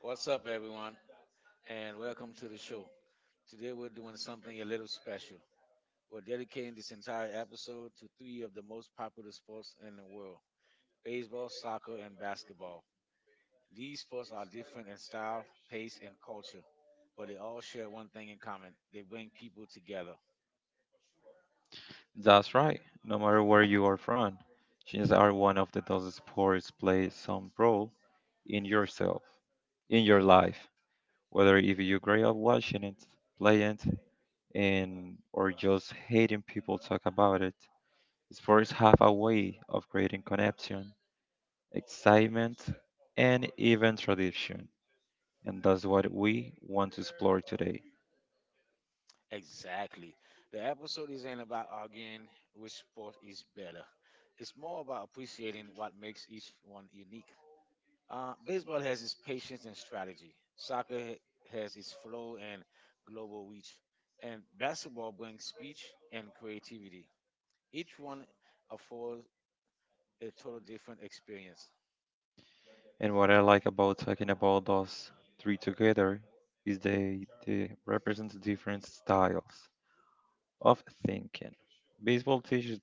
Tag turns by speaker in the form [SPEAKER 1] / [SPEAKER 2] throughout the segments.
[SPEAKER 1] What's up, everyone, and welcome to the show. Today, we're doing something a little special. We're dedicating this entire episode to three of the most popular sports in the world: baseball, soccer, and basketball. These sports are different in style, pace, and culture, but they all share one thing in common: they bring people together.
[SPEAKER 2] That's right. No matter where you are from, chances are one of the those sports plays some role in yourself, in your life. Whether if you grew up watching it, playing it, and or just hating people talk about it, sports have a way of creating connection, excitement, and even tradition. And that's what we want to explore today.
[SPEAKER 1] Exactly. The episode isn't about arguing which sport is better, it's more about appreciating what makes each one unique. Baseball has its patience and strategy. Has its flow and global reach. And basketball brings speed and creativity. Each one affords a total different experience.
[SPEAKER 2] And what I like about talking about those three together is they represent different styles of thinking. Baseball teaches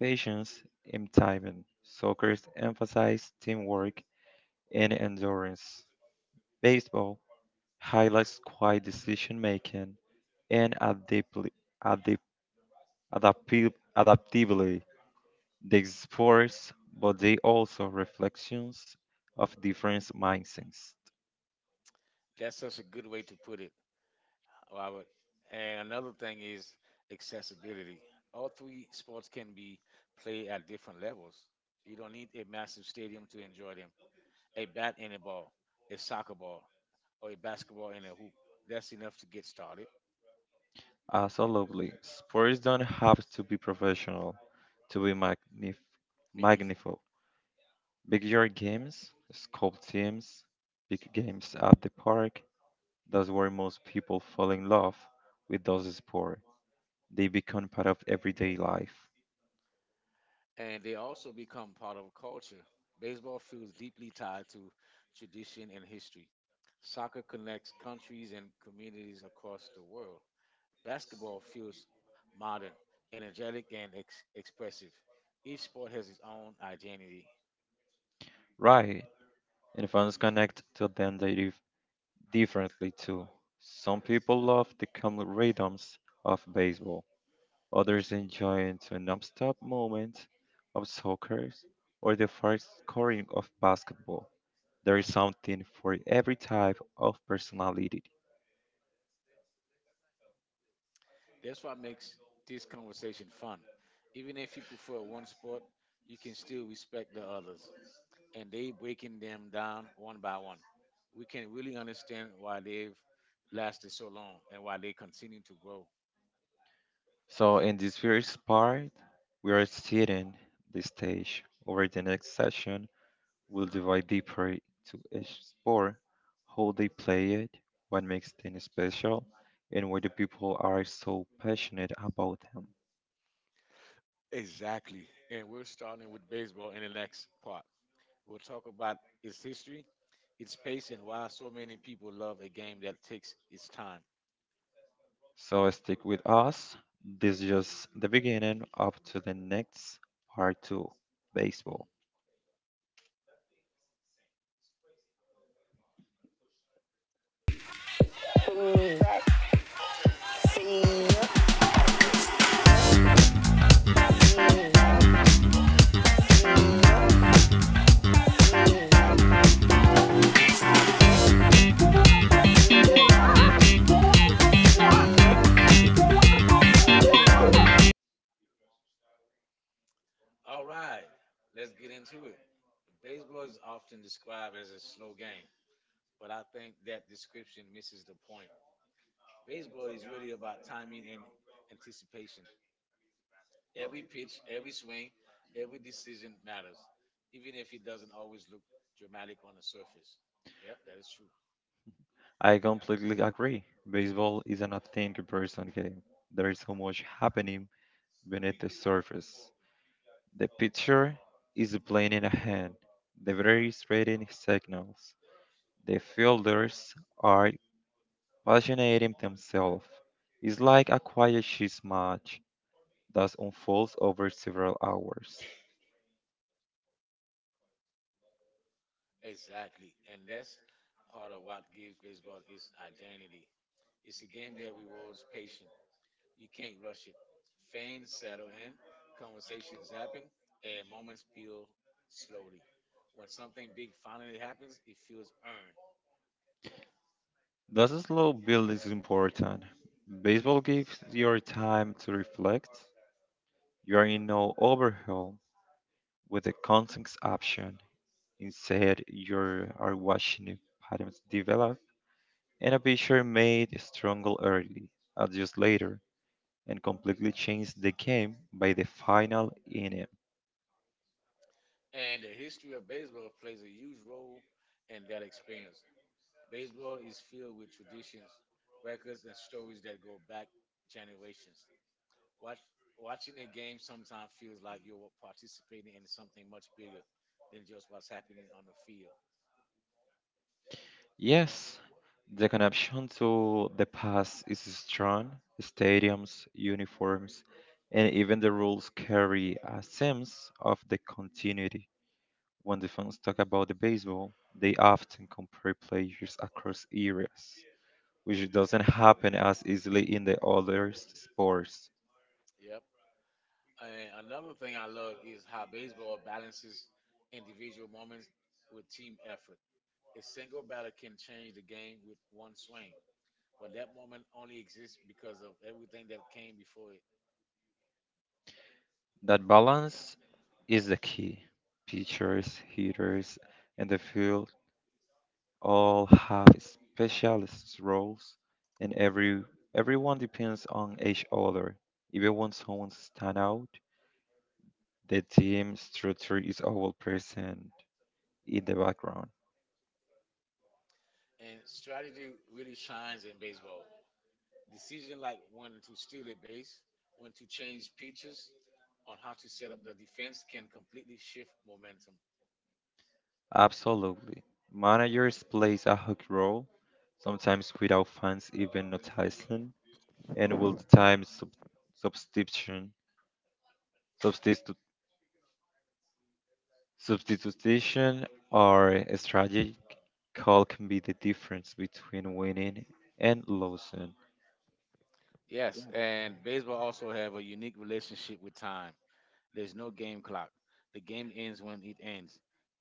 [SPEAKER 2] patience and timing. Soccer emphasizes teamwork and endurance. Baseball highlights quiet decision making and adap- adaptability. They sports, but they also reflections of different mindsets.
[SPEAKER 1] That's such a good way to put it, Robert. And another thing is accessibility. All three sports can be played at different levels. You don't need a massive stadium to enjoy them. A bat and a ball, a soccer ball, or a basketball and a hoop. That's enough to get started.
[SPEAKER 2] Absolutely. Sports don't have to be professional to be
[SPEAKER 1] Meaningful.
[SPEAKER 2] magnified. Big yard games, scope teams, big games at the park. That's where most people fall in love with those sports. They become part of everyday life.
[SPEAKER 1] And they also become part of culture. Baseball feels deeply tied to tradition and history. Soccer connects countries and communities across the world. Basketball feels modern, energetic, and expressive. Each sport has its own identity.
[SPEAKER 2] Right. And fans connect to them differently too. Some people love the calm rhythms of baseball. Others enjoyed the non-stop moment of soccer or the fast scoring of basketball. There is something for every type of personality.
[SPEAKER 1] That's what makes this conversation fun. Even if you prefer one sport, you can still respect the others. And they breaking them down one by one, we can really understand why they've lasted so long and why they continue to grow.
[SPEAKER 2] So in this first part, we are setting the stage. Over the next session, we'll dive deeper to each sport, how they play it, what makes them special, and why the people are so passionate about them.
[SPEAKER 1] Exactly. And we're starting with baseball in the next part. We'll talk about its history, its pace, and why so many people love a game that takes its time.
[SPEAKER 2] So stick with us. This is just the beginning up to the next part 2 baseball.
[SPEAKER 1] All right, let's get into it. Baseball is often described as a slow game, but I think that description misses the point. Baseball is really about timing and anticipation. Every pitch, every swing, every decision matters, even if it doesn't always look dramatic on the surface. Yep, that is true.
[SPEAKER 2] I completely agree. Baseball is an nothing comparison game. There is so much happening beneath the surface. The pitcher is playing in a hand. The batter is reading signals. The fielders are passionating themselves. It's like a quiet chess match that unfolds over several hours.
[SPEAKER 1] Exactly. And that's part of what gives baseball its identity. It's a game that rewards patience. You can't rush it. Fans settle in, conversations happen, and moments build slowly. When something big finally happens, it feels earned.
[SPEAKER 2] That slow build is important. Baseball gives your time to reflect. You are in no overhaul with the context option. Instead, you are watching the patterns develop and a pitcher made stronger early, adjust later, and completely change the game by the final inning.
[SPEAKER 1] And the history of baseball plays a huge role in that experience. Baseball is filled with traditions, records, and stories that go back generations. Watch, Watching a game sometimes feels like you're participating in something much bigger than just what's happening on the field.
[SPEAKER 2] Yes, the connection to the past is strong. Stadiums, uniforms, and even the rules carry a sense of the continuity. When the fans talk about the baseball, they often compare players across eras, which doesn't happen as easily in the other sports.
[SPEAKER 1] Yep. And another thing I love is how baseball balances individual moments with team effort. A single batter can change the game with one swing, but that moment only exists because of everything that came before it.
[SPEAKER 2] That balance is the key. Pitchers, hitters, and the field all have specialist roles, and everyone depends on each other. Even when someone stands out, the team structure is always present in the background.
[SPEAKER 1] And strategy really shines in baseball. Decision like when to steal a base, when to change pitches, on how to set up the defense can completely shift momentum.
[SPEAKER 2] Absolutely. Managers plays a huge role, sometimes without fans even noticing, and will time substitution, substitu- substitution or strategic call can be the difference between winning and losing.
[SPEAKER 1] Yes, and baseball also have a unique relationship with time. There's no game clock. The game ends when it ends,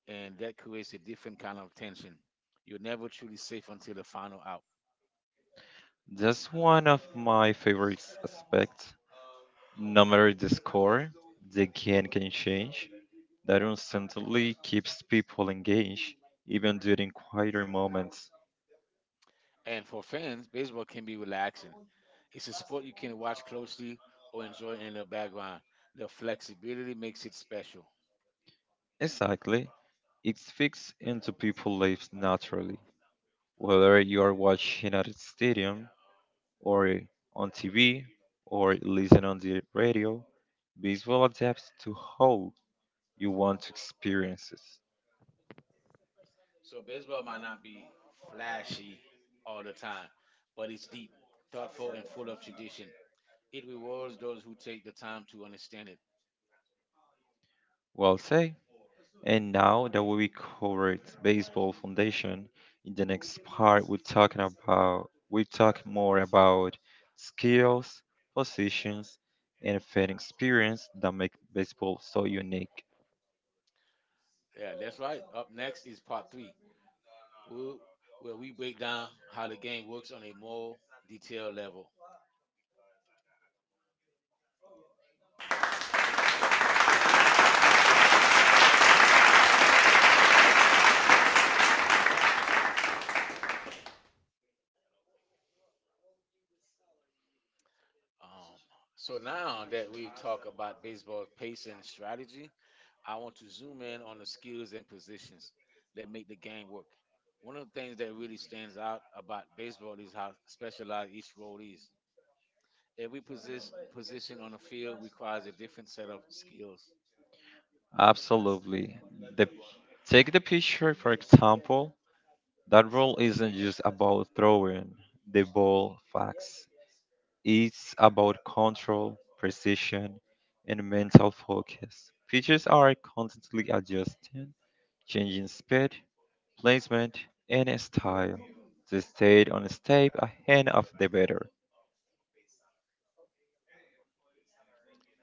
[SPEAKER 1] and that creates a different kind of tension. You're never truly safe until the final out.
[SPEAKER 2] That's one of my favorite aspects. No matter the score, the game can change. That instantly keeps people engaged, even during quieter moments.
[SPEAKER 1] And for fans, baseball can be relaxing. It's a sport you can watch closely or enjoy in the background. The flexibility makes it special.
[SPEAKER 2] Exactly. It fits into people's lives naturally, whether you are watching at a stadium, or on TV, or listening on the radio. Visual adapts to how you want to experience it.
[SPEAKER 1] So baseball might not be flashy all the time, but it's deep, thoughtful, and full of tradition. It rewards those who take the time to understand it.
[SPEAKER 2] Well, say. And now that we covered baseball foundation, in the next part we talk more about skills, positions, and fan experience that make baseball so unique.
[SPEAKER 1] Yeah, that's right. Up next is part 3, wh- where we break down how the game works on a more detailed level. Um, so now that we've talked about baseball's pace and strategy, I want to zoom in on the skills and positions that make the game work. One of the things that really stands out about baseball is how specialized each role is. Every position on the field requires a different set of skills.
[SPEAKER 2] Absolutely. The, Take the pitcher for example. That role isn't just about throwing the ball facts. It's about control, precision, and mental focus. Pitches are constantly adjusting, changing speed, placement, and style. They stayed on a step ahead of the batter.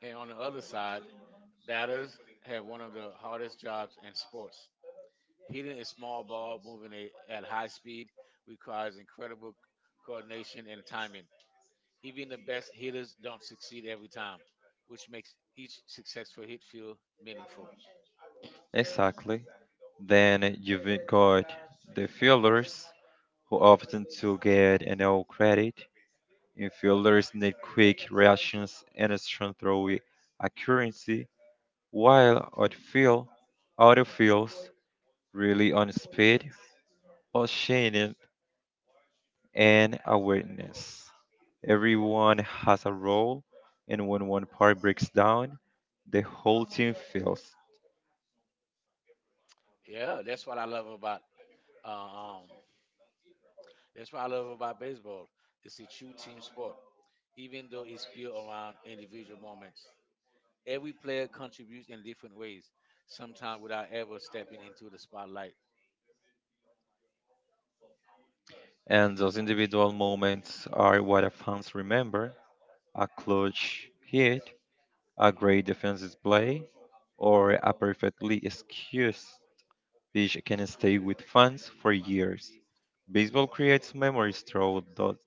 [SPEAKER 1] And on the other side, batters have one of the hardest jobs in sports. Hitting a small ball moving at high speed requires incredible coordination and timing. Even the best hitters don't succeed every time, which makes each successful hit feel meaningful.
[SPEAKER 2] Exactly. Then you've got the fielders, who often to get no credit. Infielders need quick reactions and strong throw accuracy, while outfields really on speed, passion, and awareness. Everyone has a role, and when one part breaks down, the whole team fails.
[SPEAKER 1] Yeah, that's what I love about uh, um baseball. It's a true team sport, even though it's built around individual moments. Every player contributes in different ways, sometimes without ever stepping into the spotlight.
[SPEAKER 2] And those individual moments are what our fans remember a clutch hit, a great defensive play, or a perfectly excused pitch can stay with fans for years. Baseball creates memories through those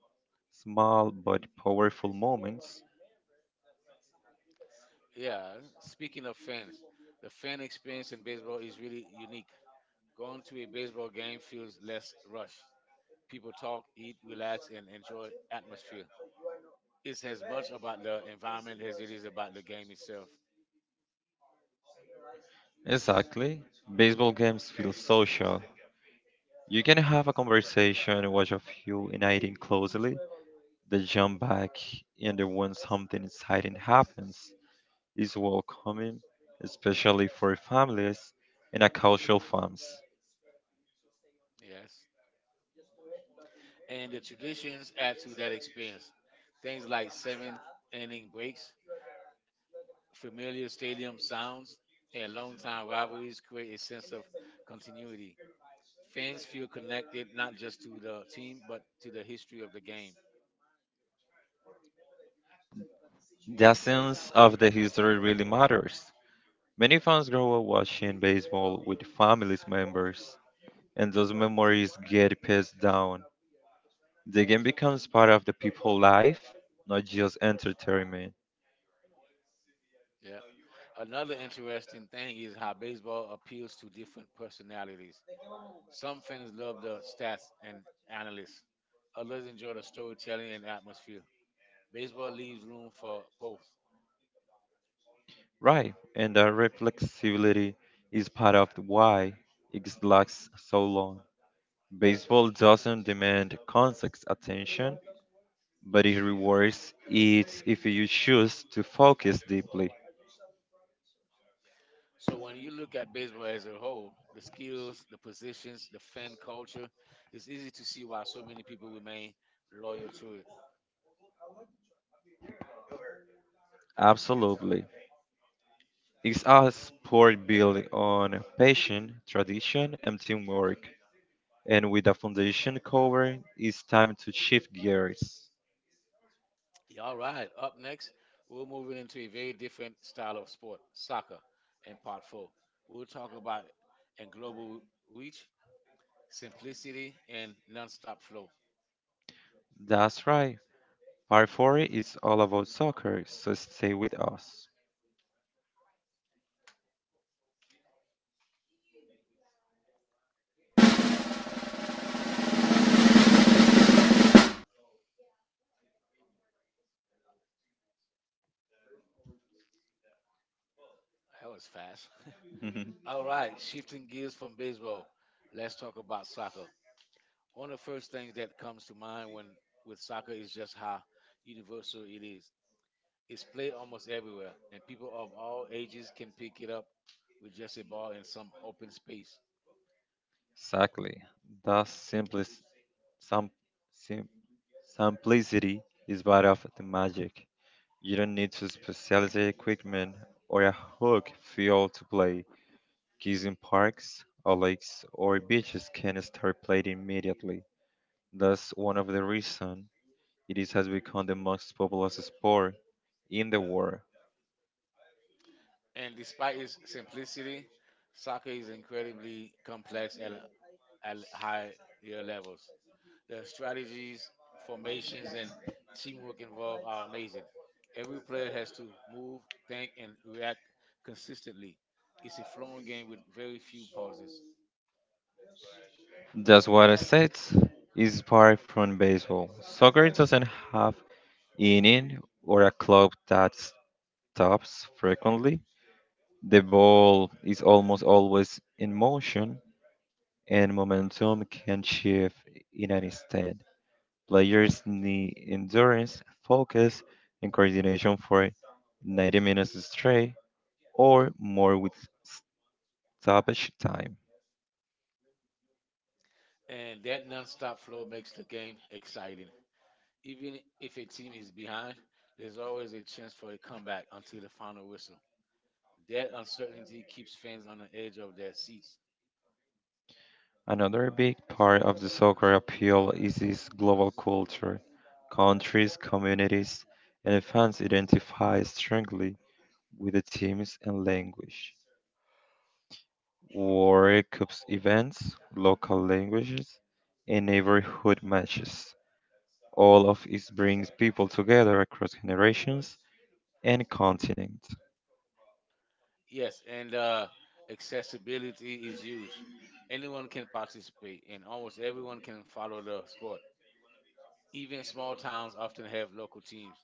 [SPEAKER 2] small but powerful moments.
[SPEAKER 1] Yeah, speaking of fans, the fan experience in baseball is really unique. Going to a baseball game feels less rushed. People talk, eat, relax, and enjoy atmosphere. It's as much about the environment as it is about the game itself.
[SPEAKER 2] Exactly. Baseball games feel social. You can have a conversation, and watch a few uniting closely, then jump back, and then when something exciting happens, is welcoming, especially for families and a cultural fans.
[SPEAKER 1] Yes. And the traditions add to that experience. Things like seventh inning breaks, familiar stadium sounds, and longtime rivalries create a sense of continuity. Fans feel connected not just to the team, but to the history of the game.
[SPEAKER 2] The essence of the history really matters. Many fans grow up watching baseball with family members, and those memories get passed down. The game becomes part of the people's life, not just entertainment.
[SPEAKER 1] Yeah. Another interesting thing is how baseball appeals to different personalities. Some fans love the stats and analysts, others enjoy the storytelling and atmosphere. Baseball leaves room for both.
[SPEAKER 2] Right, and the reflexivity is part of the why it lasts so long. Baseball doesn't demand constant attention, but it rewards it if you choose to focus deeply.
[SPEAKER 1] So when you look at baseball as a whole, the skills, the positions, the fan culture, it's easy to see why so many people remain loyal to it.
[SPEAKER 2] Absolutely. It's a sport built on patience, tradition, and teamwork. And with the foundation covered, it's time to shift gears.
[SPEAKER 1] Yeah, all right. Up next, we're moving into a very different style of sport, soccer, in part 4. We'll talk about and global reach, simplicity, and nonstop flow.
[SPEAKER 2] That's right. Part 4 is all about soccer, so stay with us.
[SPEAKER 1] Oh, that was fast. All right, shifting gears from baseball, let's talk about soccer. One of the first things that comes to mind when with soccer is just how universal it is. It's played almost everywhere, and people of all ages can pick it up with just a ball in some open space.
[SPEAKER 2] Exactly. Thus, some sim, simplicity is part of the magic. You don't need to specialty equipment or a hook field to play. Kids in parks or lakes or beaches can start playing immediately. That's one of the reasons it is has become the most popular sport in the world.
[SPEAKER 1] And despite its simplicity, soccer is incredibly complex at higher levels. The strategies, formations, and teamwork involved are amazing. Every player has to move, think, and react consistently. It's a flowing game with very few pauses.
[SPEAKER 2] That's what I said is apart from baseball. Soccer doesn't have inning or a club that stops frequently. The ball is almost always in motion, and momentum can shift in an instant. Players need endurance, focus, and coordination for 90 minutes straight or more with stoppage time.
[SPEAKER 1] And that nonstop flow makes the game exciting. Even if a team is behind, there's always a chance for a comeback until the final whistle. That uncertainty keeps fans on the edge of their seats.
[SPEAKER 2] Another big part of the soccer appeal is its global culture. Countries, communities, and fans identify strongly with the teams and language. Warrior Cups events, local languages, and neighborhood matches. All of it brings people together across generations and continents.
[SPEAKER 1] Yes, and accessibility is huge. Anyone can participate, and almost everyone can follow the sport. Even small towns often have local teams,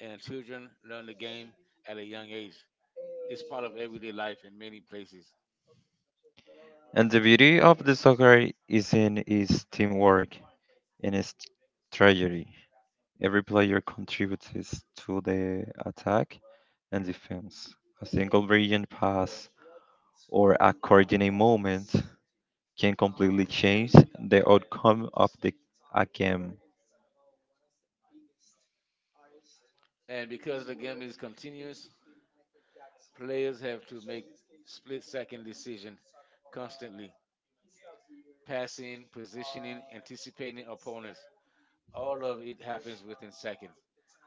[SPEAKER 1] and children learn the game at a young age. It's part of everyday life in many places.
[SPEAKER 2] And the beauty of the soccer is in its teamwork and its strategy. Every player contributes to the attack and defense. A single brilliant pass or a coordinated movement can completely change the outcome of the a game.
[SPEAKER 1] And because the game is continuous, players have to make split second decisions constantly, passing, positioning, anticipating opponents. All of it happens within seconds.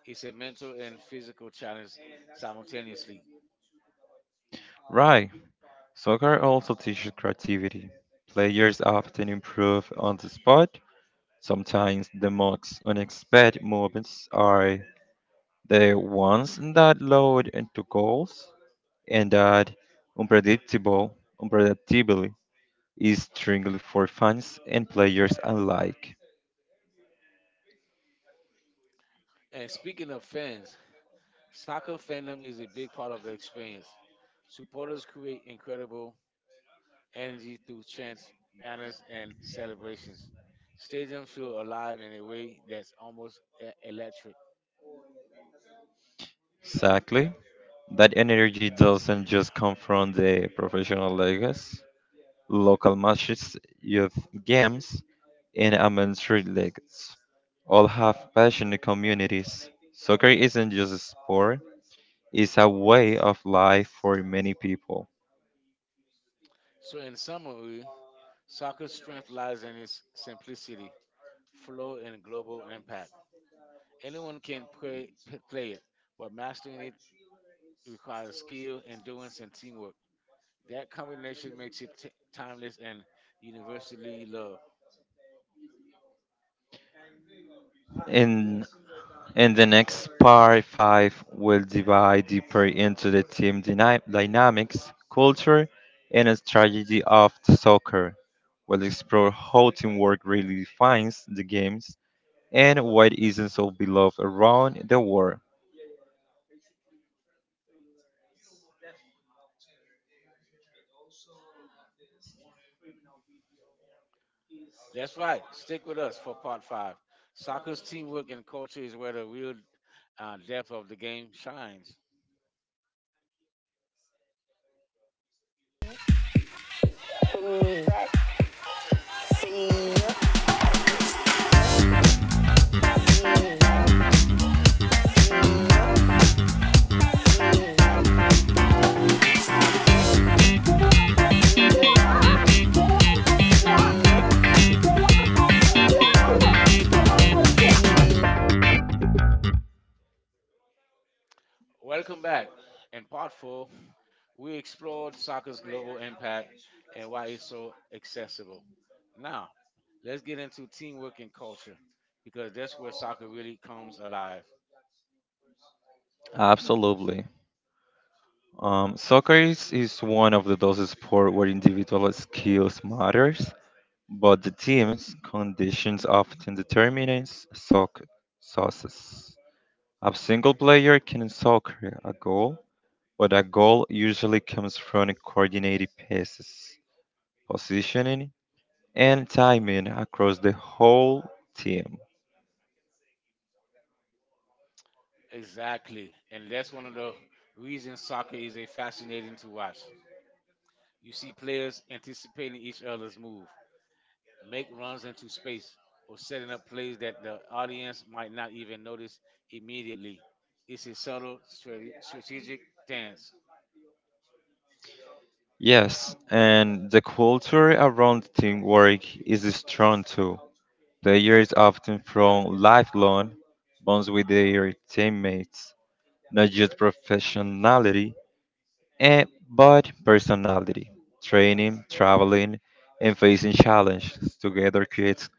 [SPEAKER 1] It's a mental and physical challenge simultaneously.
[SPEAKER 2] Right. Soccer also teaches creativity. Players often improve on the spot. Sometimes the most unexpected moments are the ones that load into goals and that unpredictable unpredictability is strictly for fans and players alike.
[SPEAKER 1] And speaking of fans, soccer fandom is a big part of the experience. Supporters create incredible energy through chants, banners, and celebrations. Stadiums feel alive in a way that's almost electric.
[SPEAKER 2] Exactly. That energy doesn't just come from the professional leagues. Local matches, youth games, and amateur leagues. All have passionate communities. Soccer isn't just a sport, it's a way of life for many people.
[SPEAKER 1] So, in summary, soccer's strength lies in its simplicity, flow, and global impact. Anyone can play it, but mastering it requires skill, endurance, and teamwork. That combination makes it timeless and universally loved.
[SPEAKER 2] In, in the next part 5, we'll dive deeper into the team dynamics, culture, and a strategy of soccer. We'll explore how teamwork really defines the games and why it isn't so beloved around the world.
[SPEAKER 1] That's right. Stick with us for part 5. Soccer's teamwork and culture is where the real depth of the game shines. Welcome back. In part four, we explored soccer's global impact and why it's so accessible. Now, let's get into teamwork and culture because that's where soccer really comes alive.
[SPEAKER 2] Absolutely. Soccer is one of the those sports where individual skills matters, but the team's conditions often determines success. A single player can soccer a goal, but a goal usually comes from coordinated passes, positioning, and timing across the whole team.
[SPEAKER 1] Exactly. And that's one of the reasons soccer is a fascinating to watch. You see players anticipating each other's move, make runs into space, or setting up plays that the audience might not even notice immediately. It's a subtle strategic dance.
[SPEAKER 2] Yes, and the culture around teamwork is strong too. The years often from lifelong bonds with their teammates, not just professionality, but personality. Training, traveling, and facing challenges together creates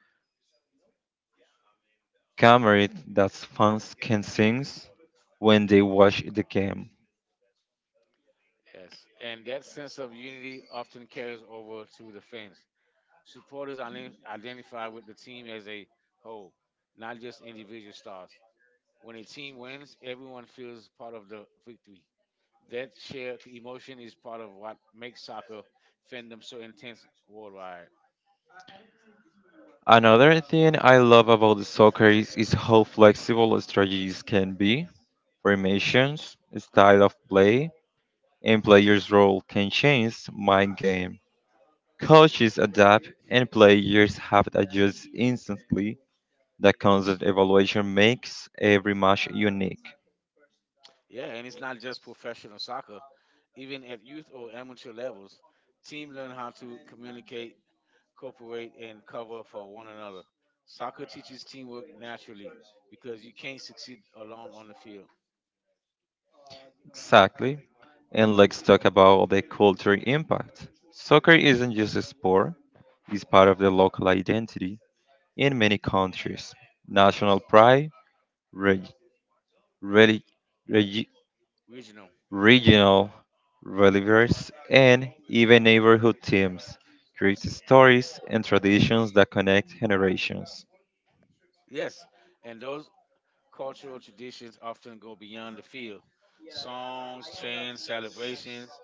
[SPEAKER 2] camaraderie that fans can sing when they watch the game.
[SPEAKER 1] Yes, and that sense of unity often carries over to the fans. Supporters identify with the team as a whole, not just individual stars. When a team wins, everyone feels part of the victory. That shared emotion is part of what makes soccer fandom so intense worldwide.
[SPEAKER 2] Another thing I love about the soccer is how flexible strategies can be. Formations, style of play, and players' role can change my game. Coaches adapt and players have to adjust instantly. That constant evaluation makes every match unique.
[SPEAKER 1] Yeah, and it's not just professional soccer. Even at youth or amateur levels, teams learn how to communicate, cooperate, and cover for one another. Soccer teaches teamwork naturally because you can't succeed alone on the field.
[SPEAKER 2] Exactly. And let's talk about the cultural impact. Soccer isn't just a sport, it's part of the local identity in many countries. National pride, reg- relig- regi-
[SPEAKER 1] Regional.
[SPEAKER 2] regional relevers, and even neighborhood teams create stories and traditions that connect generations.
[SPEAKER 1] Yes, and those cultural traditions often go beyond the field. Songs, chants, celebrations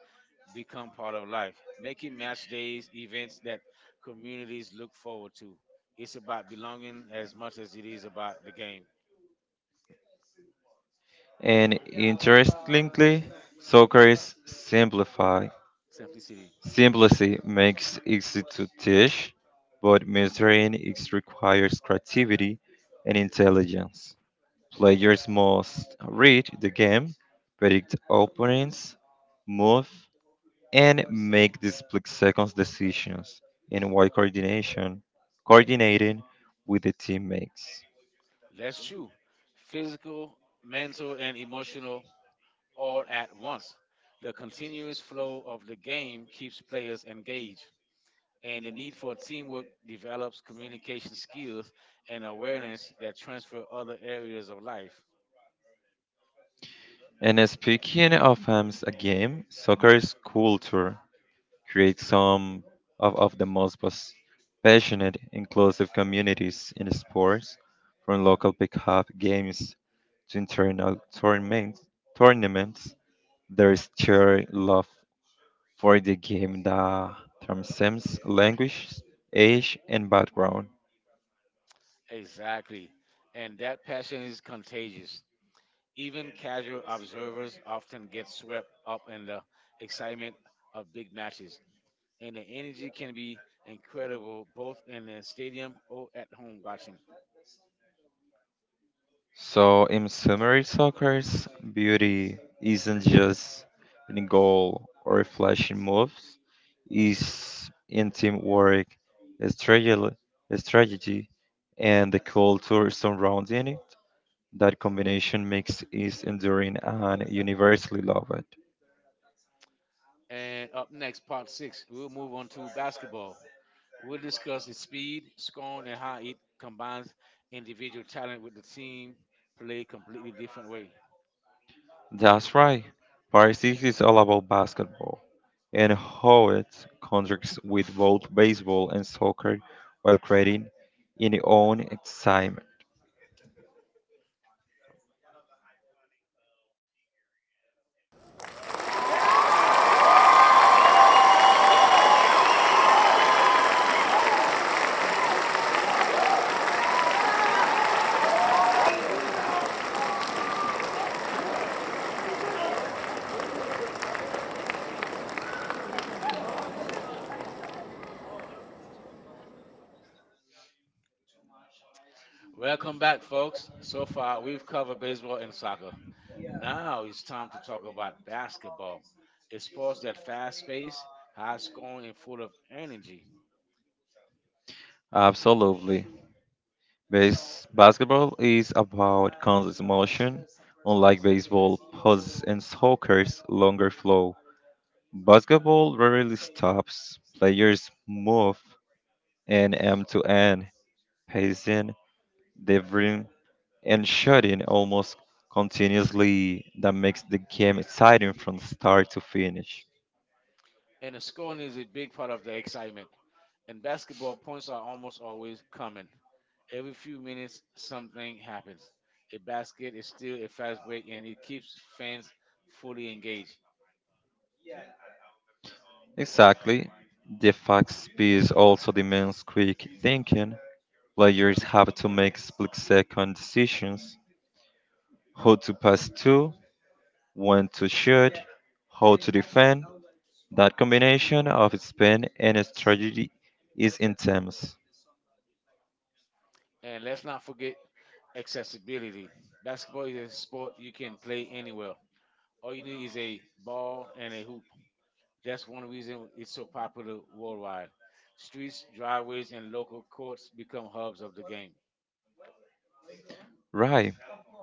[SPEAKER 1] become part of life, making match days events that communities look forward to. It's about belonging as much as it is about the game.
[SPEAKER 2] And interestingly, soccer is simplified.
[SPEAKER 1] Simplicity.
[SPEAKER 2] Simplicity makes easy to teach, but mastering it requires creativity and intelligence. Players must read the game, predict opponents, move, and make these split seconds decisions in wide coordination, coordinating with the teammates.
[SPEAKER 1] That's true. Physical, mental, and emotional all at once. The continuous flow of the game keeps players engaged, and the need for teamwork develops communication skills and awareness that transfer other areas of life.
[SPEAKER 2] And speaking of a game, soccer is culture create some of the most passionate, inclusive communities in sports, from local pickup games to internal tournaments. There is sheer love for the game that transcends language, age, and background.
[SPEAKER 1] Exactly. And that passion is contagious. Even casual observers often get swept up in the excitement of big matches, and the energy can be incredible both in the stadium or at home watching.
[SPEAKER 2] So, in summary, soccer's beauty isn't just in a goal or flashy moves, it's in teamwork, strategy, strategy, and the culture surrounding it. That combination makes it enduring and universally loved.
[SPEAKER 1] And up next, part 6, we'll move on to basketball. We'll discuss its speed, scoring, and how it combines individual talent with the team play completely different way.
[SPEAKER 2] That's right. Paris 6 is all about basketball and how it contracts with both baseball and soccer while creating in its own time.
[SPEAKER 1] Welcome back, folks. So far, we've covered baseball and soccer. Now it's time to talk about basketball, a sport that's fast paced, high scoring, and full of energy.
[SPEAKER 2] Absolutely. Base Basketball is about constant motion, unlike baseball pauses and soccer's longer flow. Basketball rarely stops. Players move and end to end, pacing, delivering, and shooting almost continuously. That makes the game exciting from start to finish.
[SPEAKER 1] And the scoring is a big part of the excitement. And basketball points are almost always coming. Every few minutes, something happens. A basket is still a fast break, and it keeps fans fully engaged.
[SPEAKER 2] Exactly. The fast pace also demands quick thinking. Players have to make split-second decisions: how to pass to, when to shoot, how to defend. That combination of spin and strategy is intense.
[SPEAKER 1] And let's not forget accessibility. Basketball is a sport you can play anywhere. All you need is a ball and a hoop. That's one reason it's so popular worldwide. Streets, driveways, and local courts become hubs of the game.
[SPEAKER 2] Right.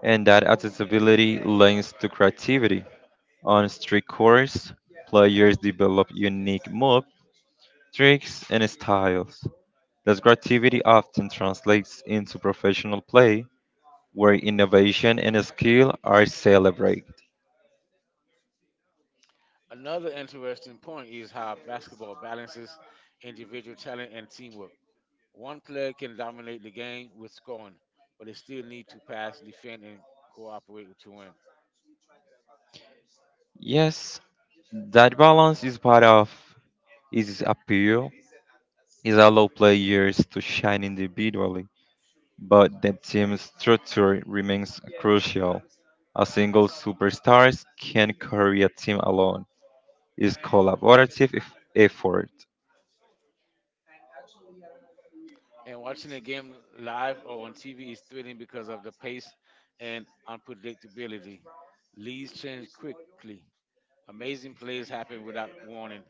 [SPEAKER 2] And that accessibility lends to creativity. On street courts, players develop unique moves, tricks, and styles. This creativity often translates into professional play, where innovation and skill are celebrated.
[SPEAKER 1] Another interesting point is how basketball balances individual talent and teamwork. One player can dominate the game with scoring, but they still need to pass, defend, and cooperate to win.
[SPEAKER 2] Yes, that balance is part of his appeal. It allows players to shine individually, but the team structure remains crucial. A single superstar can carry a team alone. It's collaborative effort.
[SPEAKER 1] And watching a game live or on TV is thrilling because of the pace and unpredictability. Leads change quickly. Amazing plays happen without warning,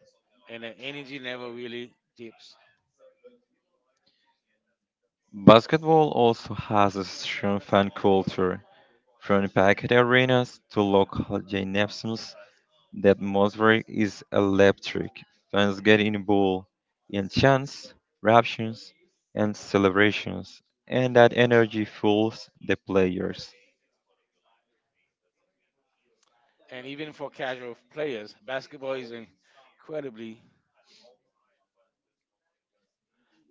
[SPEAKER 1] and the energy never really dips.
[SPEAKER 2] Basketball also has a strong fan culture, from packed arenas to local gymnasiums. The atmosphere is electric. Fans get involved in chants, raptures, and celebrations, and that energy fuels the players.
[SPEAKER 1] And even for casual players, basketball is incredibly,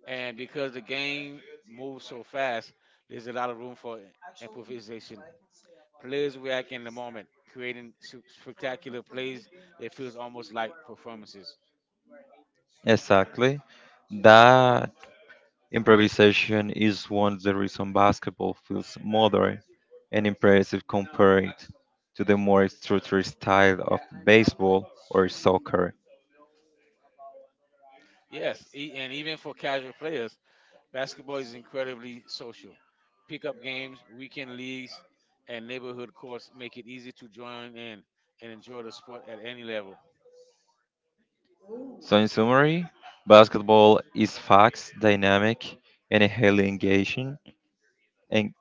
[SPEAKER 1] and because the game moves so fast, there's a lot of room for improvisation. Players react in the moment, creating spectacular plays that feels almost like performances.
[SPEAKER 2] Exactly. That improvisation is one of the reasons basketball feels modern and impressive compared to the more structured style of baseball or soccer.
[SPEAKER 1] Yes, and even for casual players, basketball is incredibly social. Pickup games, weekend leagues, and neighborhood courts make it easy to join in and enjoy the sport at any level.
[SPEAKER 2] So, in summary, basketball is fast, dynamic, and highly engaging, and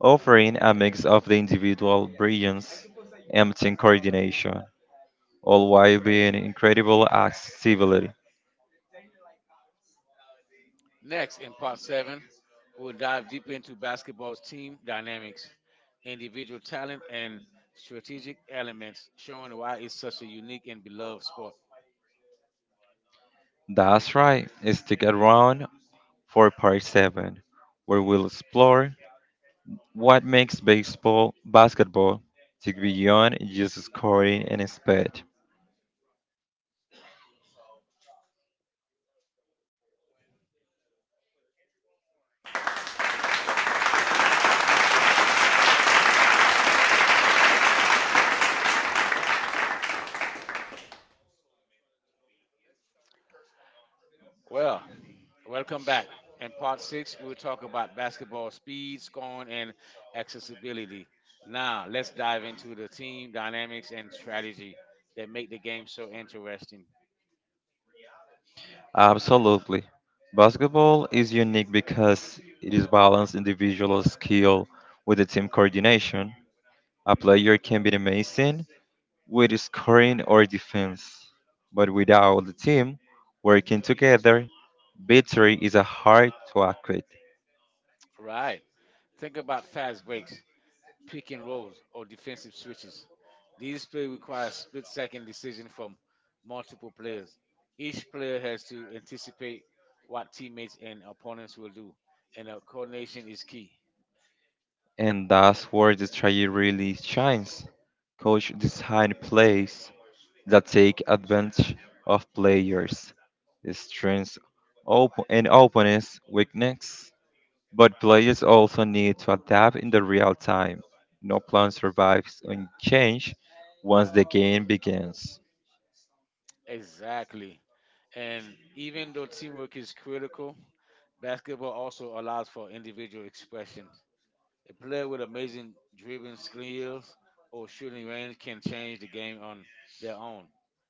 [SPEAKER 2] offering a mix of the individual brilliance and team coordination, all while being incredible accessibility.
[SPEAKER 1] Next, in part seven, we'll dive deeper into basketball's team dynamics, individual talent, and strategic elements, showing why it's such a unique and beloved sport.
[SPEAKER 2] That's right, stick around for part 7, where we'll explore what makes baseball, basketball, tick beyond just scoring and speed.
[SPEAKER 1] Well, welcome back. In part six, we'll talk about basketball speed, scoring, and accessibility. Now, let's dive into the team dynamics and strategy that make the game so interesting.
[SPEAKER 2] Absolutely. Basketball is unique because it is balanced individual skill with the team coordination. A player can be amazing with scoring or defense. But without the team working together, victory is a hard to achieve.
[SPEAKER 1] Right. Think about fast breaks, pick and rolls, or defensive switches. These plays require split second decision from multiple players. Each player has to anticipate what teammates and opponents will do, and coordination is key.
[SPEAKER 2] And that's where the strategy really shines. Coach design plays that take advantage of players' strengths and opponents' weakness. But players also need to adapt in the real time. No plan survives unchanged once the game begins.
[SPEAKER 1] Exactly. And even though teamwork is critical, basketball also allows for individual expression. A player with amazing dribbling skills or shooting range can change the game on their own.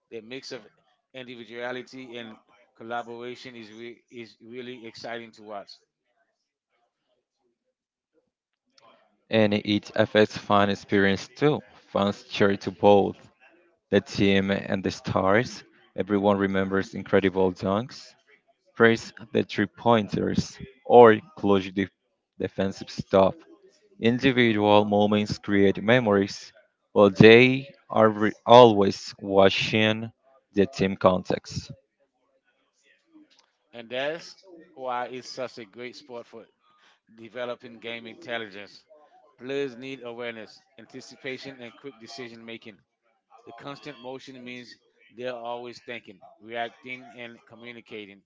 [SPEAKER 1] The mix of individuality and collaboration is really exciting to watch,
[SPEAKER 2] And it affects fan experience too. Fans cheer to both the team and the stars. Everyone remembers incredible dunks, praise the three pointers, or clutch defensive stop. Individual moments create memories, but they are always watching the team context.
[SPEAKER 1] and that's why it's such a great sport for developing game intelligence. Players need awareness, anticipation, and quick decision making. The constant motion means they're always thinking, reacting, and communicating.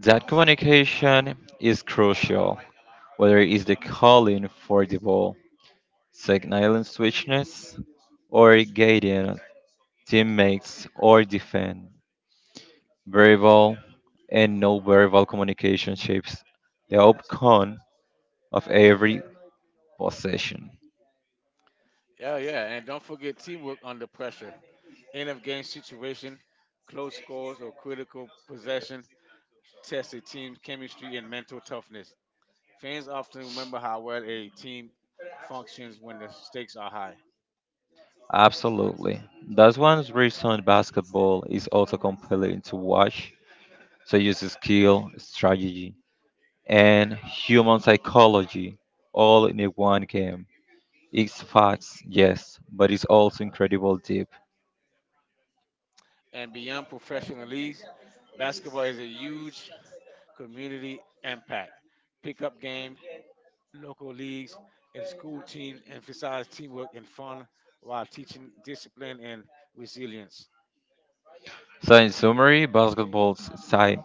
[SPEAKER 2] That communication is crucial, whether it's the calling for the ball signaling switchness, or guiding teammates or defend. Verbal and non-verbal communication shapes the outcome of every possession.
[SPEAKER 1] Yeah, yeah, and don't forget teamwork under pressure. End of game situation, close scores, or critical possession test a team's chemistry and mental toughness. Fans often remember how well a team functions when the stakes are high.
[SPEAKER 2] Absolutely. That's one reason basketball is also compelling to watch. So use skill, strategy, and human psychology all in a one game. It's fast, yes, but it's also incredible deep.
[SPEAKER 1] And beyond professional leagues, basketball is a huge community impact. Pickup games, local leagues, and school teams emphasize teamwork and fun while teaching discipline and resilience.
[SPEAKER 2] So, in summary, basketball's side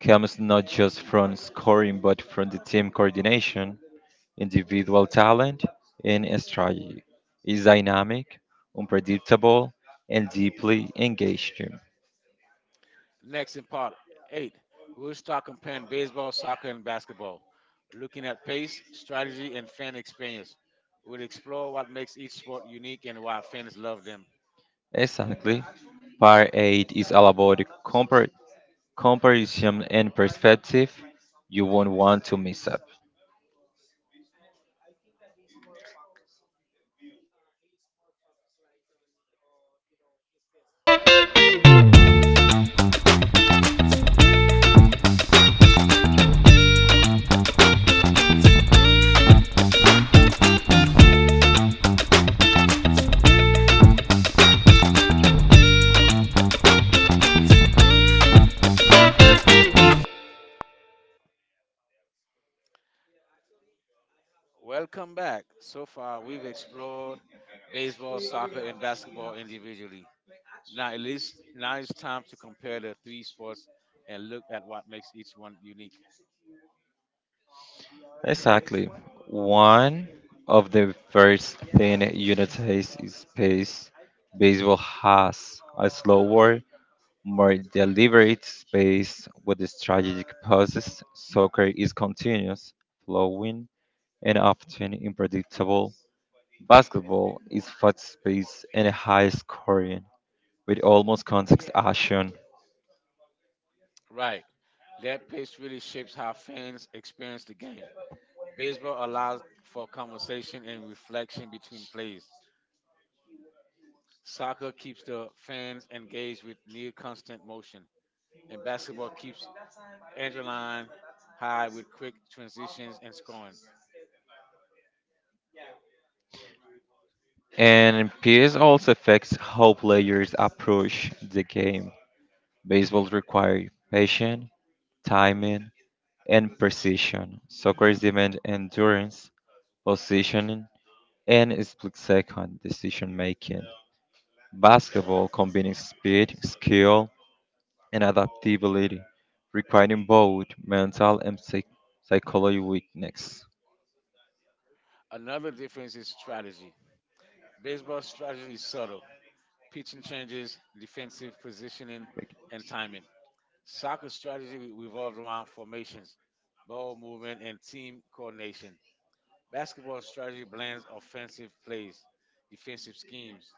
[SPEAKER 2] comes not just from scoring but from the team coordination, individual talent, and strategy. It's dynamic, unpredictable, and deeply engaging.
[SPEAKER 1] Next, in part eight, we'll start comparing baseball, soccer, and basketball, looking at pace, strategy, and fan experience. We'll explore what makes each sport unique and why fans love them.
[SPEAKER 2] Exactly. Part 8 is all about
[SPEAKER 1] Compares.
[SPEAKER 2] comparison and perspective. You won't want to miss up.
[SPEAKER 1] Welcome back. So far, we've explored baseball, soccer, and basketball individually. Now at least now it's time to compare the three sports and look at what makes each one unique.
[SPEAKER 2] Exactly. One of the first thing United space baseball has a slower, more deliberate space with a strategic pauses. Soccer is continuous, flowing, and often unpredictable. Basketball is fast-paced and high-scoring, with almost constant action.
[SPEAKER 1] Right. That pace really shapes how fans experience the game. Baseball allows for conversation and reflection between plays. Soccer keeps the fans engaged with near constant motion, and basketball keeps adrenaline high with quick transitions and scoring.
[SPEAKER 2] And PS also affects how players approach the game. Baseball requires patience timing, and precision. Soccer demands endurance, positioning, and split-second decision-making. Basketball combines speed, skill, and adaptability, requiring both mental and psychological weakness.
[SPEAKER 1] Another difference is strategy. Baseball strategy is subtle. Pitching changes, defensive positioning, and timing. Soccer strategy revolves around formations, ball movement, and team coordination. Basketball strategy blends offensive plays, defensive schemes,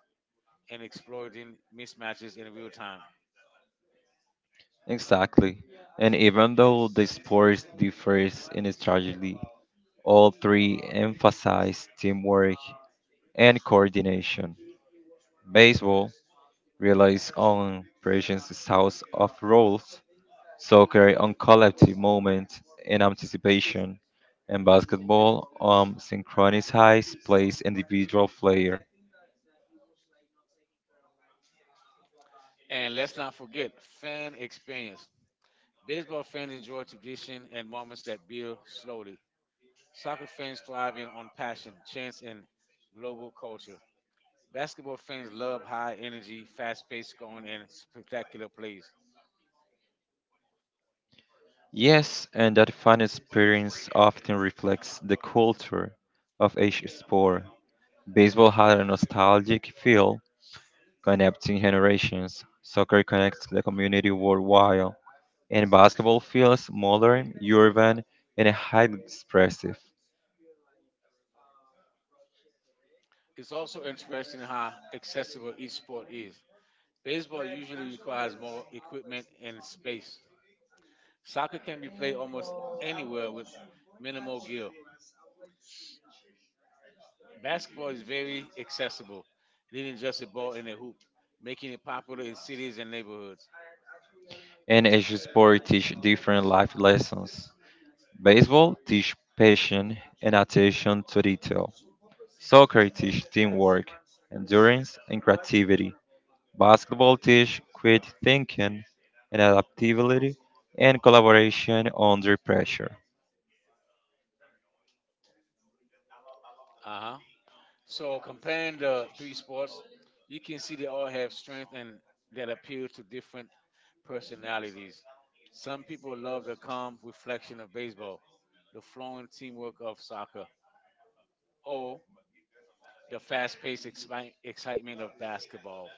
[SPEAKER 1] and exploiting mismatches in real time.
[SPEAKER 2] Exactly. And even though the sports differs in strategy, all three emphasize teamwork and coordination. Baseball relies on precision, styles of roles, soccer on collective movement and anticipation, and basketball on synchronized plays individual player.
[SPEAKER 1] And let's not forget fan experience. Baseball fans enjoy tradition and moments that build slowly. Soccer fans thrive in on passion, chance, and global culture. Basketball fans love high energy, fast paced scoring, and spectacular plays.
[SPEAKER 2] Yes, and that fan experience often reflects the culture of each sport. Baseball had a nostalgic feel connecting generations. Soccer connects the community worldwide, and basketball feels modern, urban, and highly expressive.
[SPEAKER 1] It's also interesting how accessible each sport is. Baseball usually requires more equipment and space. Soccer can be played almost anywhere with minimal gear. Basketball is very accessible, needing just a ball and a hoop, making it popular in cities and neighborhoods.
[SPEAKER 2] And each sport teach different life lessons. Baseball teach patience and attention to detail. Soccer teach teamwork, endurance, and creativity. Basketball teach creative thinking and adaptability and collaboration under pressure.
[SPEAKER 1] Uh huh. So comparing the three sports, you can see they all have strength and that appeal to different personalities. Some people love the calm reflection of baseball, the flowing teamwork of soccer, or the fast paced excitement of basketball.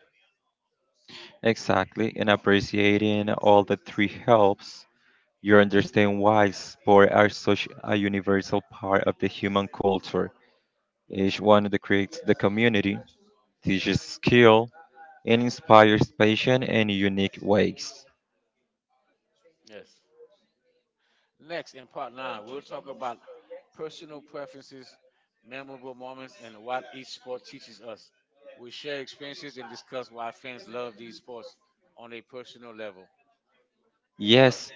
[SPEAKER 2] Exactly, and appreciating all the three helps you understand why sports are such a universal part of the human culture. Each one that creates the community, teaches skill, and inspires passion in unique ways.
[SPEAKER 1] Yes. Next, in part nine, we'll talk about personal preferences, memorable moments, and what each sport teaches us. We'll share experiences and discuss why fans love these sports on a personal level.
[SPEAKER 2] Yes,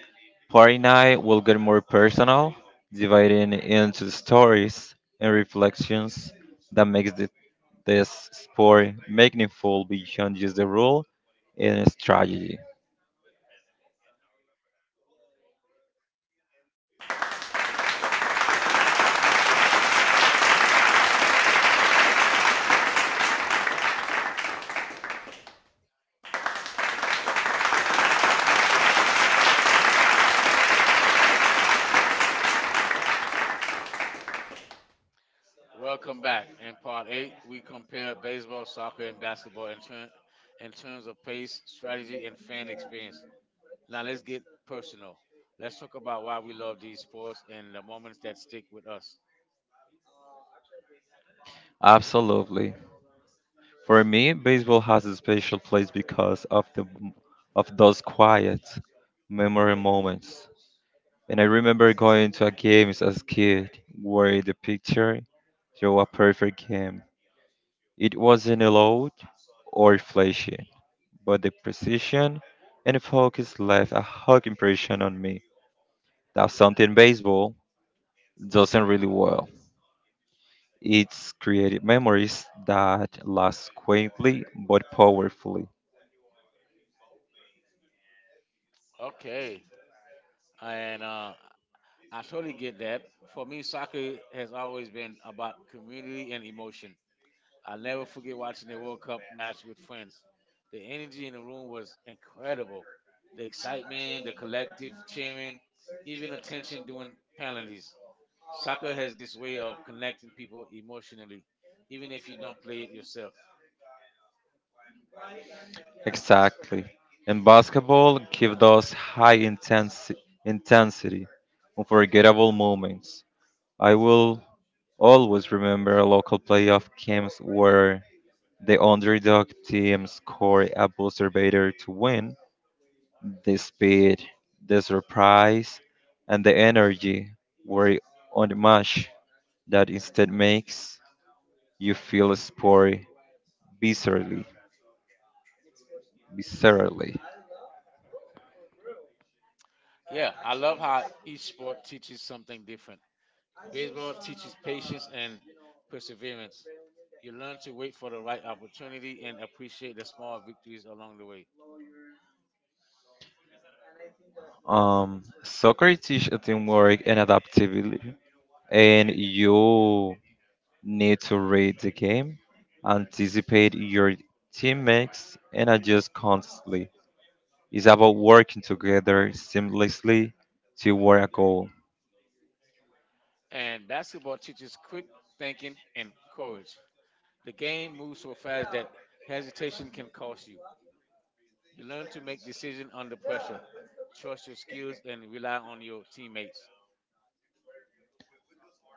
[SPEAKER 2] Party night will get more personal, dividing into stories and reflections that makes this sport meaningful beyond just the rule and strategy.
[SPEAKER 1] Welcome back. In part eight, we compare baseball, soccer, and basketball in terms of pace, strategy, and fan experience. Now let's get personal. Let's talk about why we love these sports and the moments that stick with us.
[SPEAKER 2] Absolutely. For me, baseball has a special place because of those quiet memory moments. And I remember going to a games as a kid where the picture drew a perfect game. It wasn't loud or flashy, but the precision and focus left a hug impression on me. That's something baseball doesn't really well. It's created memories that last quietly but powerfully.
[SPEAKER 1] Okay, and I totally get that. For me, soccer has always been about community and emotion. I'll never forget watching the World Cup match with friends. The energy in the room was incredible. The excitement, the collective cheering, even attention during penalties. Soccer has this way of connecting people emotionally, even if you don't play it yourself.
[SPEAKER 2] Exactly. And basketball gives us high intensity, unforgettable moments. I will always remember local playoff games where the underdog team scored a buzzer beater to win. The speed, the surprise, and the energy were unmatched. That instead makes you feel a sport viscerally, viscerally.
[SPEAKER 1] Yeah, I love how each sport teaches something different. Baseball teaches patience and perseverance. You learn to wait for the right opportunity and appreciate the small victories along the way.
[SPEAKER 2] Soccer teaches teamwork and adaptability, and you need to read the game, anticipate your teammates, and adjust constantly. It's about working together seamlessly toward a goal.
[SPEAKER 1] And basketball teaches quick thinking and courage. The game moves so fast that hesitation can cost you. You learn to make decisions under pressure, trust your skills, and rely on your teammates.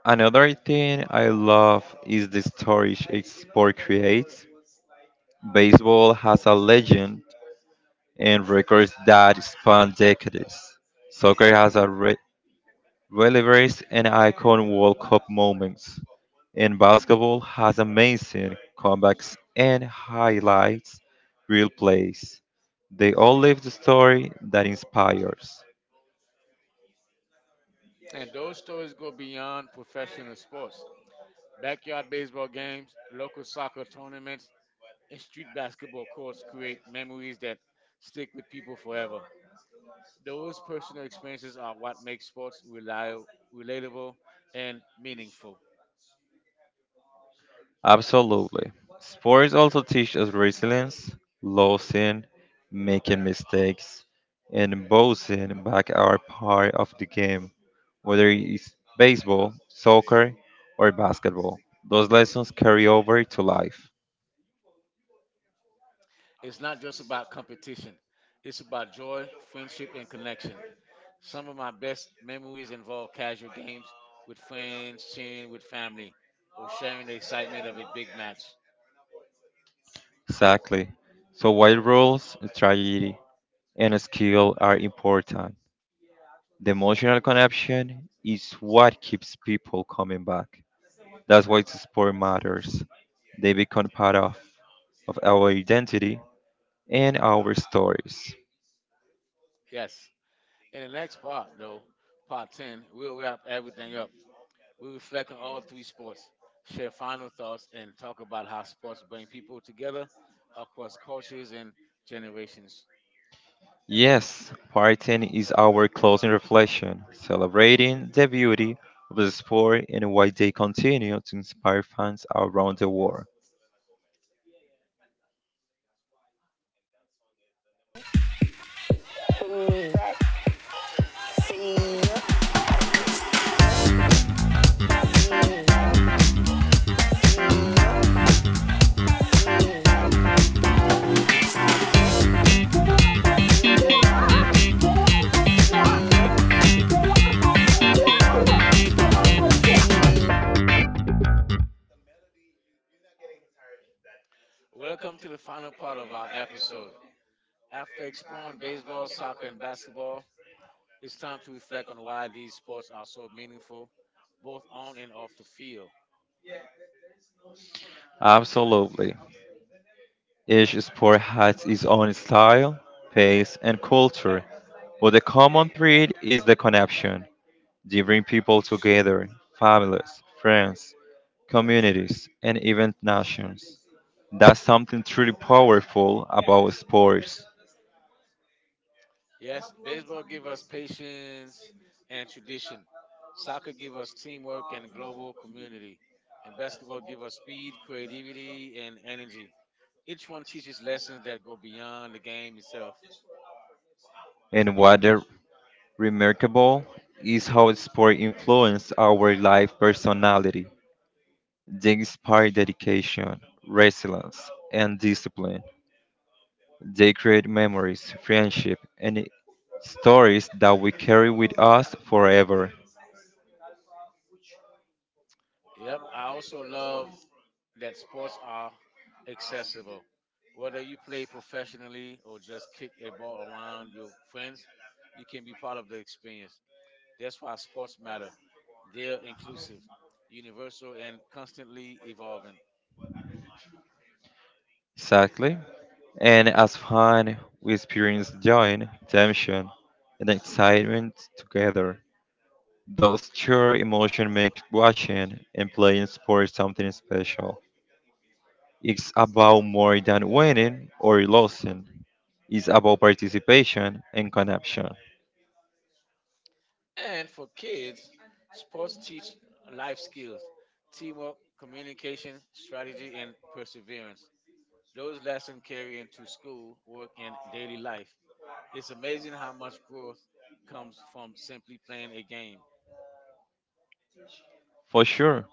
[SPEAKER 2] Another thing I love is the stories each sport creates. Baseball has a legend and records that span decades. Soccer has a Deliveries and icon World Cup moments. In basketball has amazing comebacks and highlights real plays. They all live the story that inspires.
[SPEAKER 1] And those stories go beyond professional sports. Backyard baseball games, local soccer tournaments, and street basketball courts create memories that stick with people forever. Those personal experiences are what make sports relatable and meaningful.
[SPEAKER 2] Absolutely. Sports also teach us resilience, losing, making mistakes, and bouncing back are part of the game, whether it's baseball, soccer, or basketball. Those lessons carry over to life.
[SPEAKER 1] It's not just about competition, it's about joy, friendship, and connection. Some of my best memories involve casual games with friends, cheering with family, or sharing the excitement of a big match.
[SPEAKER 2] Exactly. So while rules, strategy, and skill are important, the emotional connection is what keeps people coming back. That's why the sport matters. They become part of our identity and our stories.
[SPEAKER 1] Yes. In the next part, though, part 10, we'll wrap everything up. We reflect on all three sports, share final thoughts, and talk about how sports bring people together across cultures and generations.
[SPEAKER 2] Yes, partying is our closing reflection, celebrating the beauty of the sport and why they continue to inspire fans around the world.
[SPEAKER 1] Welcome to the final part of our episode. After exploring baseball, soccer, and basketball, it's time to reflect on why these sports are so meaningful, both on and off the field.
[SPEAKER 2] Absolutely. Each sport has its own style, pace, and culture, but the common thread is the connection. They bring people together, families, friends, communities, and even nations. That's something truly powerful about sports.
[SPEAKER 1] Yes, baseball gives us patience and tradition. Soccer gives us teamwork and global community. And basketball gives us speed, creativity, and energy. Each one teaches lessons that go beyond the game itself.
[SPEAKER 2] And what is remarkable is how sport influences our life personality. They inspire dedication, resilience, and discipline. They create memories, friendship, and stories that we carry with us forever.
[SPEAKER 1] Yep, I also love that sports are accessible. Whether you play professionally or just kick a ball around your friends, you can be part of the experience. That's why sports matter. They're inclusive, universal, and constantly evolving.
[SPEAKER 2] Exactly. And as fun, we experience joy, tension, and excitement together. Those shared emotions make watching and playing sports something special. It's about more than winning or losing. It's about participation and connection.
[SPEAKER 1] And for kids, sports teach life skills, teamwork, communication, strategy, and perseverance. Those lessons carry into school, work, and daily life. It's amazing how much growth comes from simply playing a game.
[SPEAKER 2] For sure.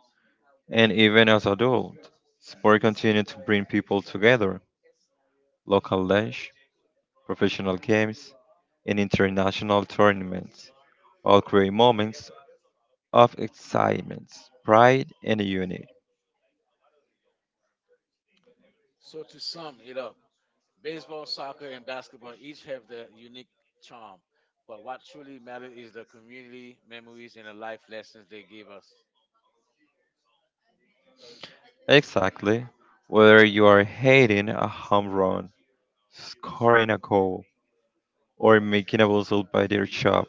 [SPEAKER 2] And even as adults, sport continues to bring people together. Local lunch, professional games, and international tournaments, all create moments of excitement, pride, and unity.
[SPEAKER 1] So, to sum it up, baseball, soccer, and basketball each have their unique charm, but what truly matters is the community memories and the life lessons they give us.
[SPEAKER 2] Exactly. Whether you are hitting a home run, scoring a goal, or making a whistle by their shop,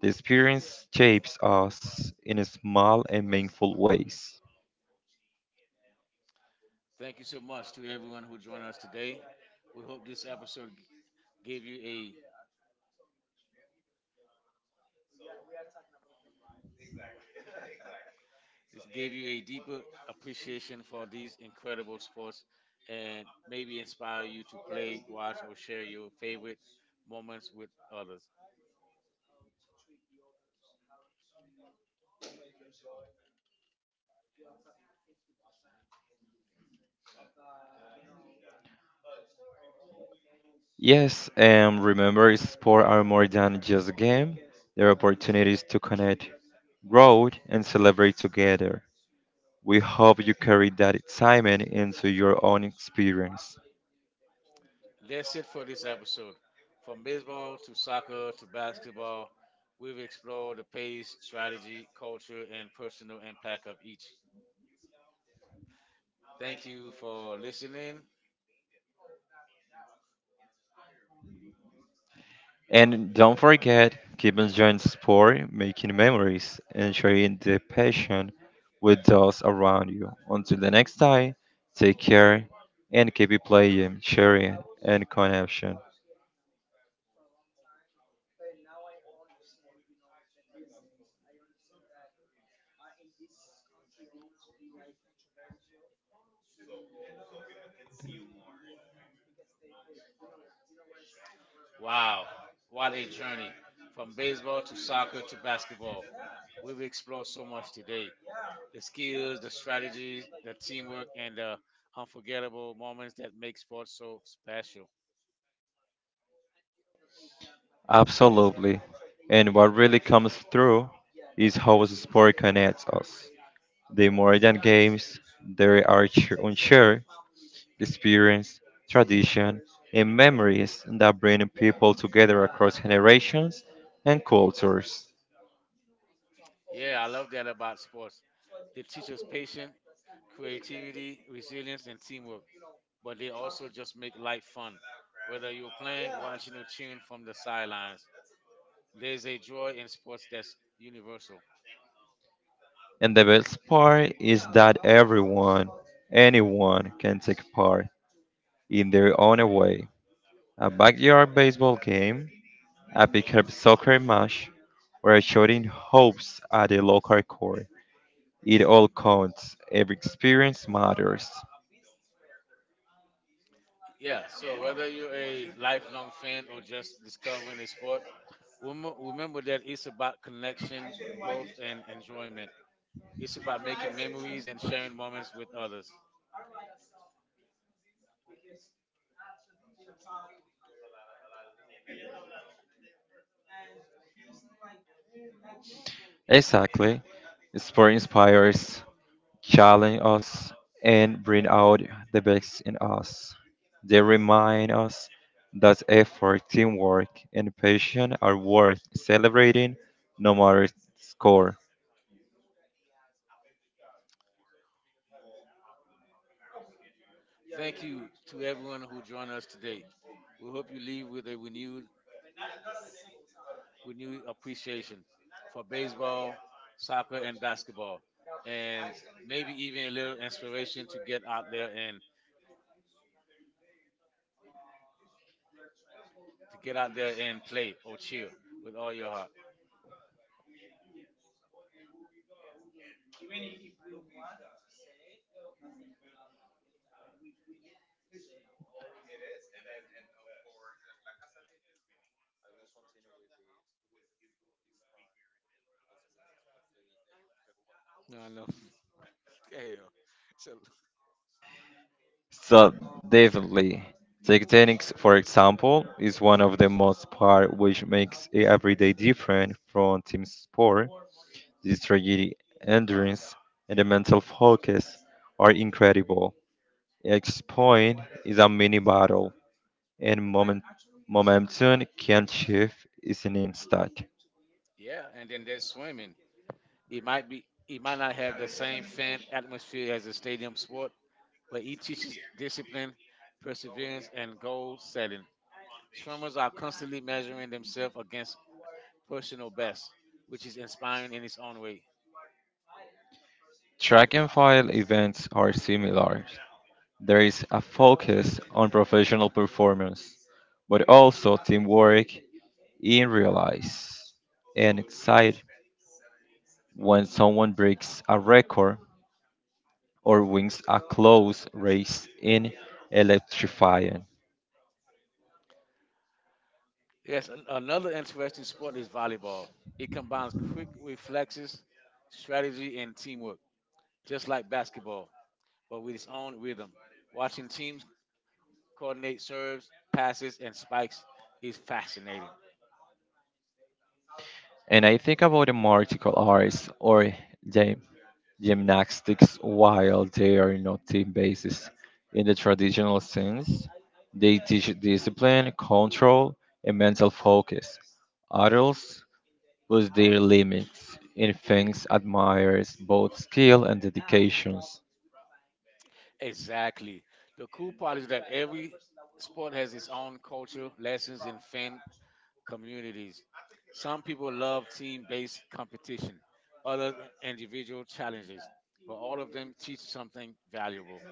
[SPEAKER 2] the experience shapes us in small and meaningful ways.
[SPEAKER 1] Thank you so much to everyone who joined us today. We hope this episode gave you a gave you a deeper appreciation for these incredible sports and maybe inspire you to play, watch, or share your favorite moments with others.
[SPEAKER 2] Yes, and remember, sports are more than just a game. They're opportunities to connect, grow, and celebrate together. We hope you carry that excitement into your own experience.
[SPEAKER 1] That's it for this episode. From baseball to soccer to basketball, we've explored the pace, strategy, culture, and personal impact of each. Thank you for listening.
[SPEAKER 2] And don't forget, keep enjoying sport, making memories, and sharing the passion with those around you. Until the next time, take care and keep it playing, sharing, and connection.
[SPEAKER 1] Wow, what a journey. From baseball to soccer to basketball, we've explored so much today, the skills, the strategies, the teamwork, and the unforgettable moments that make sports so special.
[SPEAKER 2] Absolutely. And what really comes through is how sport connects us. They more than games, they are on share experience, tradition, and memories that bring people together across generations and cultures.
[SPEAKER 1] Yeah, I love that about sports. They teach us patience, creativity, resilience, and teamwork, but they also just make life fun. Whether you're playing, watching, or cheering from the sidelines, there's a joy in sports that's universal.
[SPEAKER 2] And the best part is that everyone, anyone can take part in their own way. A backyard baseball game, a pickup soccer match, or a shooting hopes at a local court. It all counts. Every experience matters.
[SPEAKER 1] Yeah, so whether you're a lifelong fan or just discovering a sport, remember that it's about connection, growth, and enjoyment. It's about making memories and sharing moments with others.
[SPEAKER 2] Exactly. Sport inspires challenge us and bring out the best in us. They remind us that effort, teamwork, and passion are worth celebrating no matter score.
[SPEAKER 1] Thank you to everyone who joined us today. We hope you leave with a renewed With new appreciation for baseball, soccer, and basketball, and maybe even a little inspiration to get out there and play or cheer with all your heart. I know. yeah. So,
[SPEAKER 2] So definitely, tectonics, for example, is one of the most part which makes it every day different from team sport. The strategy, endurance, and the mental focus are incredible. Each point is a mini battle and moment, momentum can shift is an instant.
[SPEAKER 1] yeah, and then there's swimming. It might not have the same fan atmosphere as a stadium sport, but it teaches discipline, perseverance, and goal setting. Swimmers are constantly measuring themselves against personal best, which is inspiring in its own way.
[SPEAKER 2] Track and file events are similar. There is a focus on professional performance, but also teamwork in realize and excite when someone breaks a record or wins a close race in electrifying.
[SPEAKER 1] Yes, another interesting sport is volleyball. It combines quick reflexes, strategy, and teamwork, just like basketball, but with its own rhythm. Watching teams coordinate serves, passes, and spikes is fascinating.
[SPEAKER 2] And I think about the martial arts or the gymnastics while they are not team bases. In the traditional sense, they teach discipline, control, and mental focus. Adults push their limits. Infants admires both skill and dedications.
[SPEAKER 1] Exactly. The cool part is that every sport has its own culture, lessons, and fan communities. Some people love team based competition, others individual challenges, but all of them teach something valuable.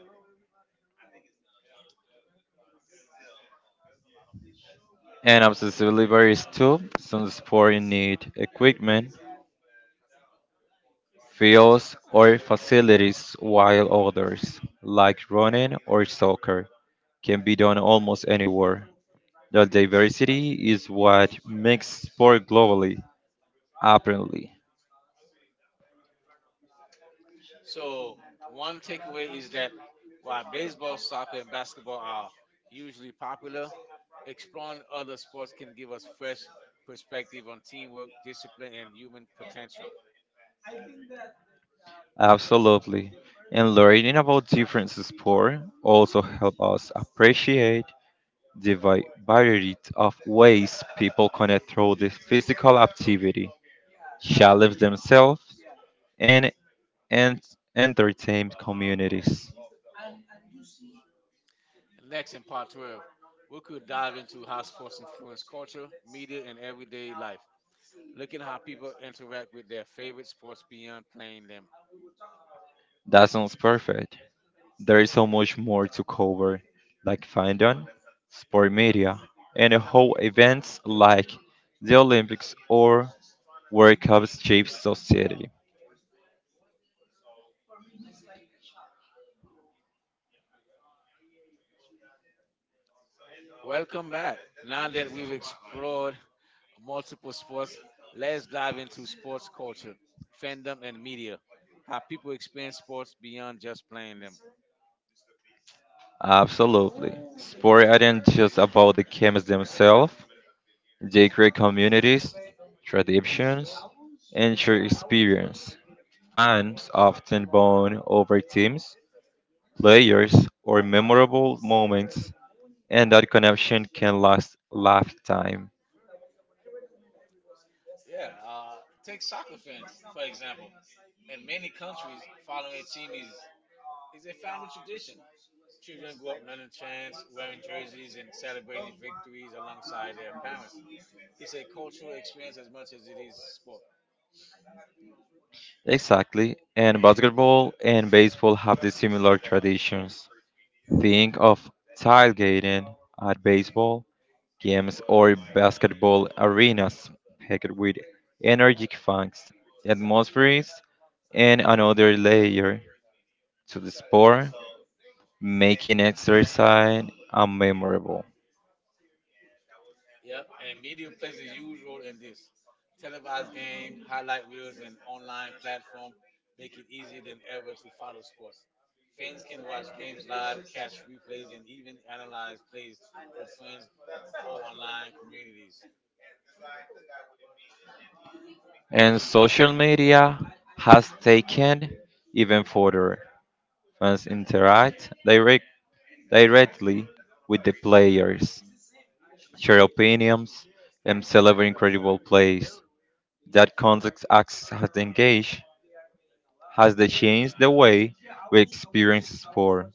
[SPEAKER 2] And obsessively varies too, some sport need equipment, fields, or facilities, while others, like running or soccer, can be done almost anywhere. The diversity is what makes sport globally, apparently.
[SPEAKER 1] So one takeaway is that while baseball, soccer, and basketball are usually popular, exploring other sports can give us fresh perspective on teamwork, discipline, and human potential.
[SPEAKER 2] Absolutely. And learning about different sports also help us appreciate the variety of ways people connect through the physical activity, challenge themselves, and, and entertain communities.
[SPEAKER 1] Next, in part 12, we could dive into how sports influence culture, media, and everyday life, looking how people interact with their favorite sports beyond playing them.
[SPEAKER 2] That sounds perfect. There is so much more to cover, like fandom, sport media, and how events like the Olympics or World Cups shape society.
[SPEAKER 1] Welcome back. Now that we've explored multiple sports. Let's dive into sports culture, fandom, and media. How people experience sports beyond just playing them.
[SPEAKER 2] Absolutely. Sport aren't just about the games themselves, they create communities, traditions, and shared experience. Fans often bond over teams, players, or memorable moments, and that connection can last a lifetime.
[SPEAKER 1] Yeah, take soccer fans, for example. In many countries, following a team is a family tradition. Children grow up learning chants, wearing jerseys, and celebrating victories alongside their parents. It's a cultural experience as much as it is sport.
[SPEAKER 2] Exactly. And basketball and baseball have the similar traditions. Think of tailgating at baseball games or basketball arenas packed with energetic fans. The atmosphere is and another layer to the sport, making exercise unmemorable.
[SPEAKER 1] Yep, and media plays a huge role in this. Televised game, highlight reels, and online platform make it easier than ever to follow sports. Fans can watch games live, catch replays, and even analyze plays with friends or online communities.
[SPEAKER 2] And social media has taken even further. Fans interact directly with the players, share opinions, and celebrate incredible plays. That context acts has engaged has they changed the way we experience sport,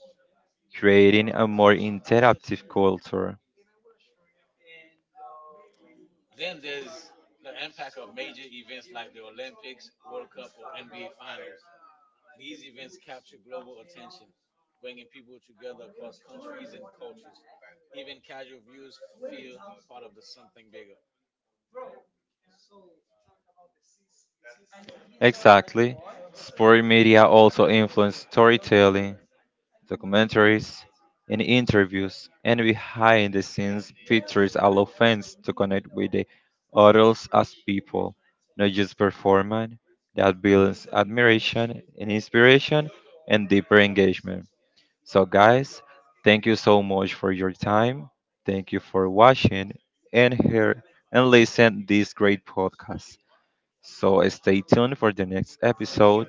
[SPEAKER 2] creating a more interactive culture.
[SPEAKER 1] Then there's the impact of major events like the Olympics, World Cup, or NBA Finals. These events capture global attention, bringing people together across countries and cultures. Even casual viewers feel part of the something bigger.
[SPEAKER 2] Exactly. Sport media also influence storytelling. Documentaries, and interviews, and behind the scenes features allow fans to connect with the idols as people, not just performance, that builds admiration and inspiration and deeper engagement. So, guys, thank you so much for your time. Thank you for watching and hear and listen this great podcast. So stay tuned for the next episode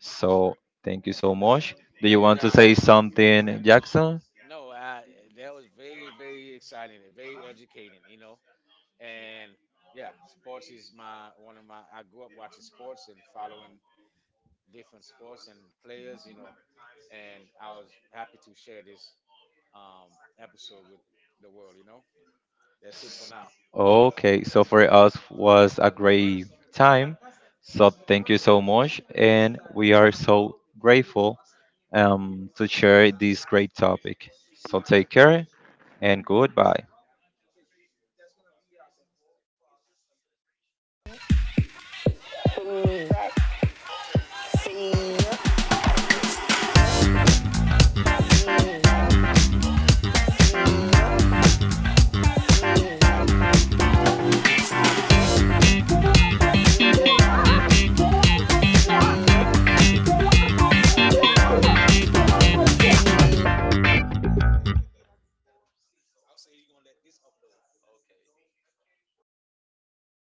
[SPEAKER 2] so thank you so much. Do you
[SPEAKER 1] Thank you
[SPEAKER 2] want to
[SPEAKER 1] guys.
[SPEAKER 2] say something, Jackson?
[SPEAKER 1] No, I, that was very, very exciting and very educating, And yeah, sports is my one of my. I grew up watching sports and following different sports and players. And I was happy to share this um, episode with the world. That's it for now.
[SPEAKER 2] Okay, so for us was a great time. So thank you so much, and we are so grateful to share this great topic. So take care and goodbye.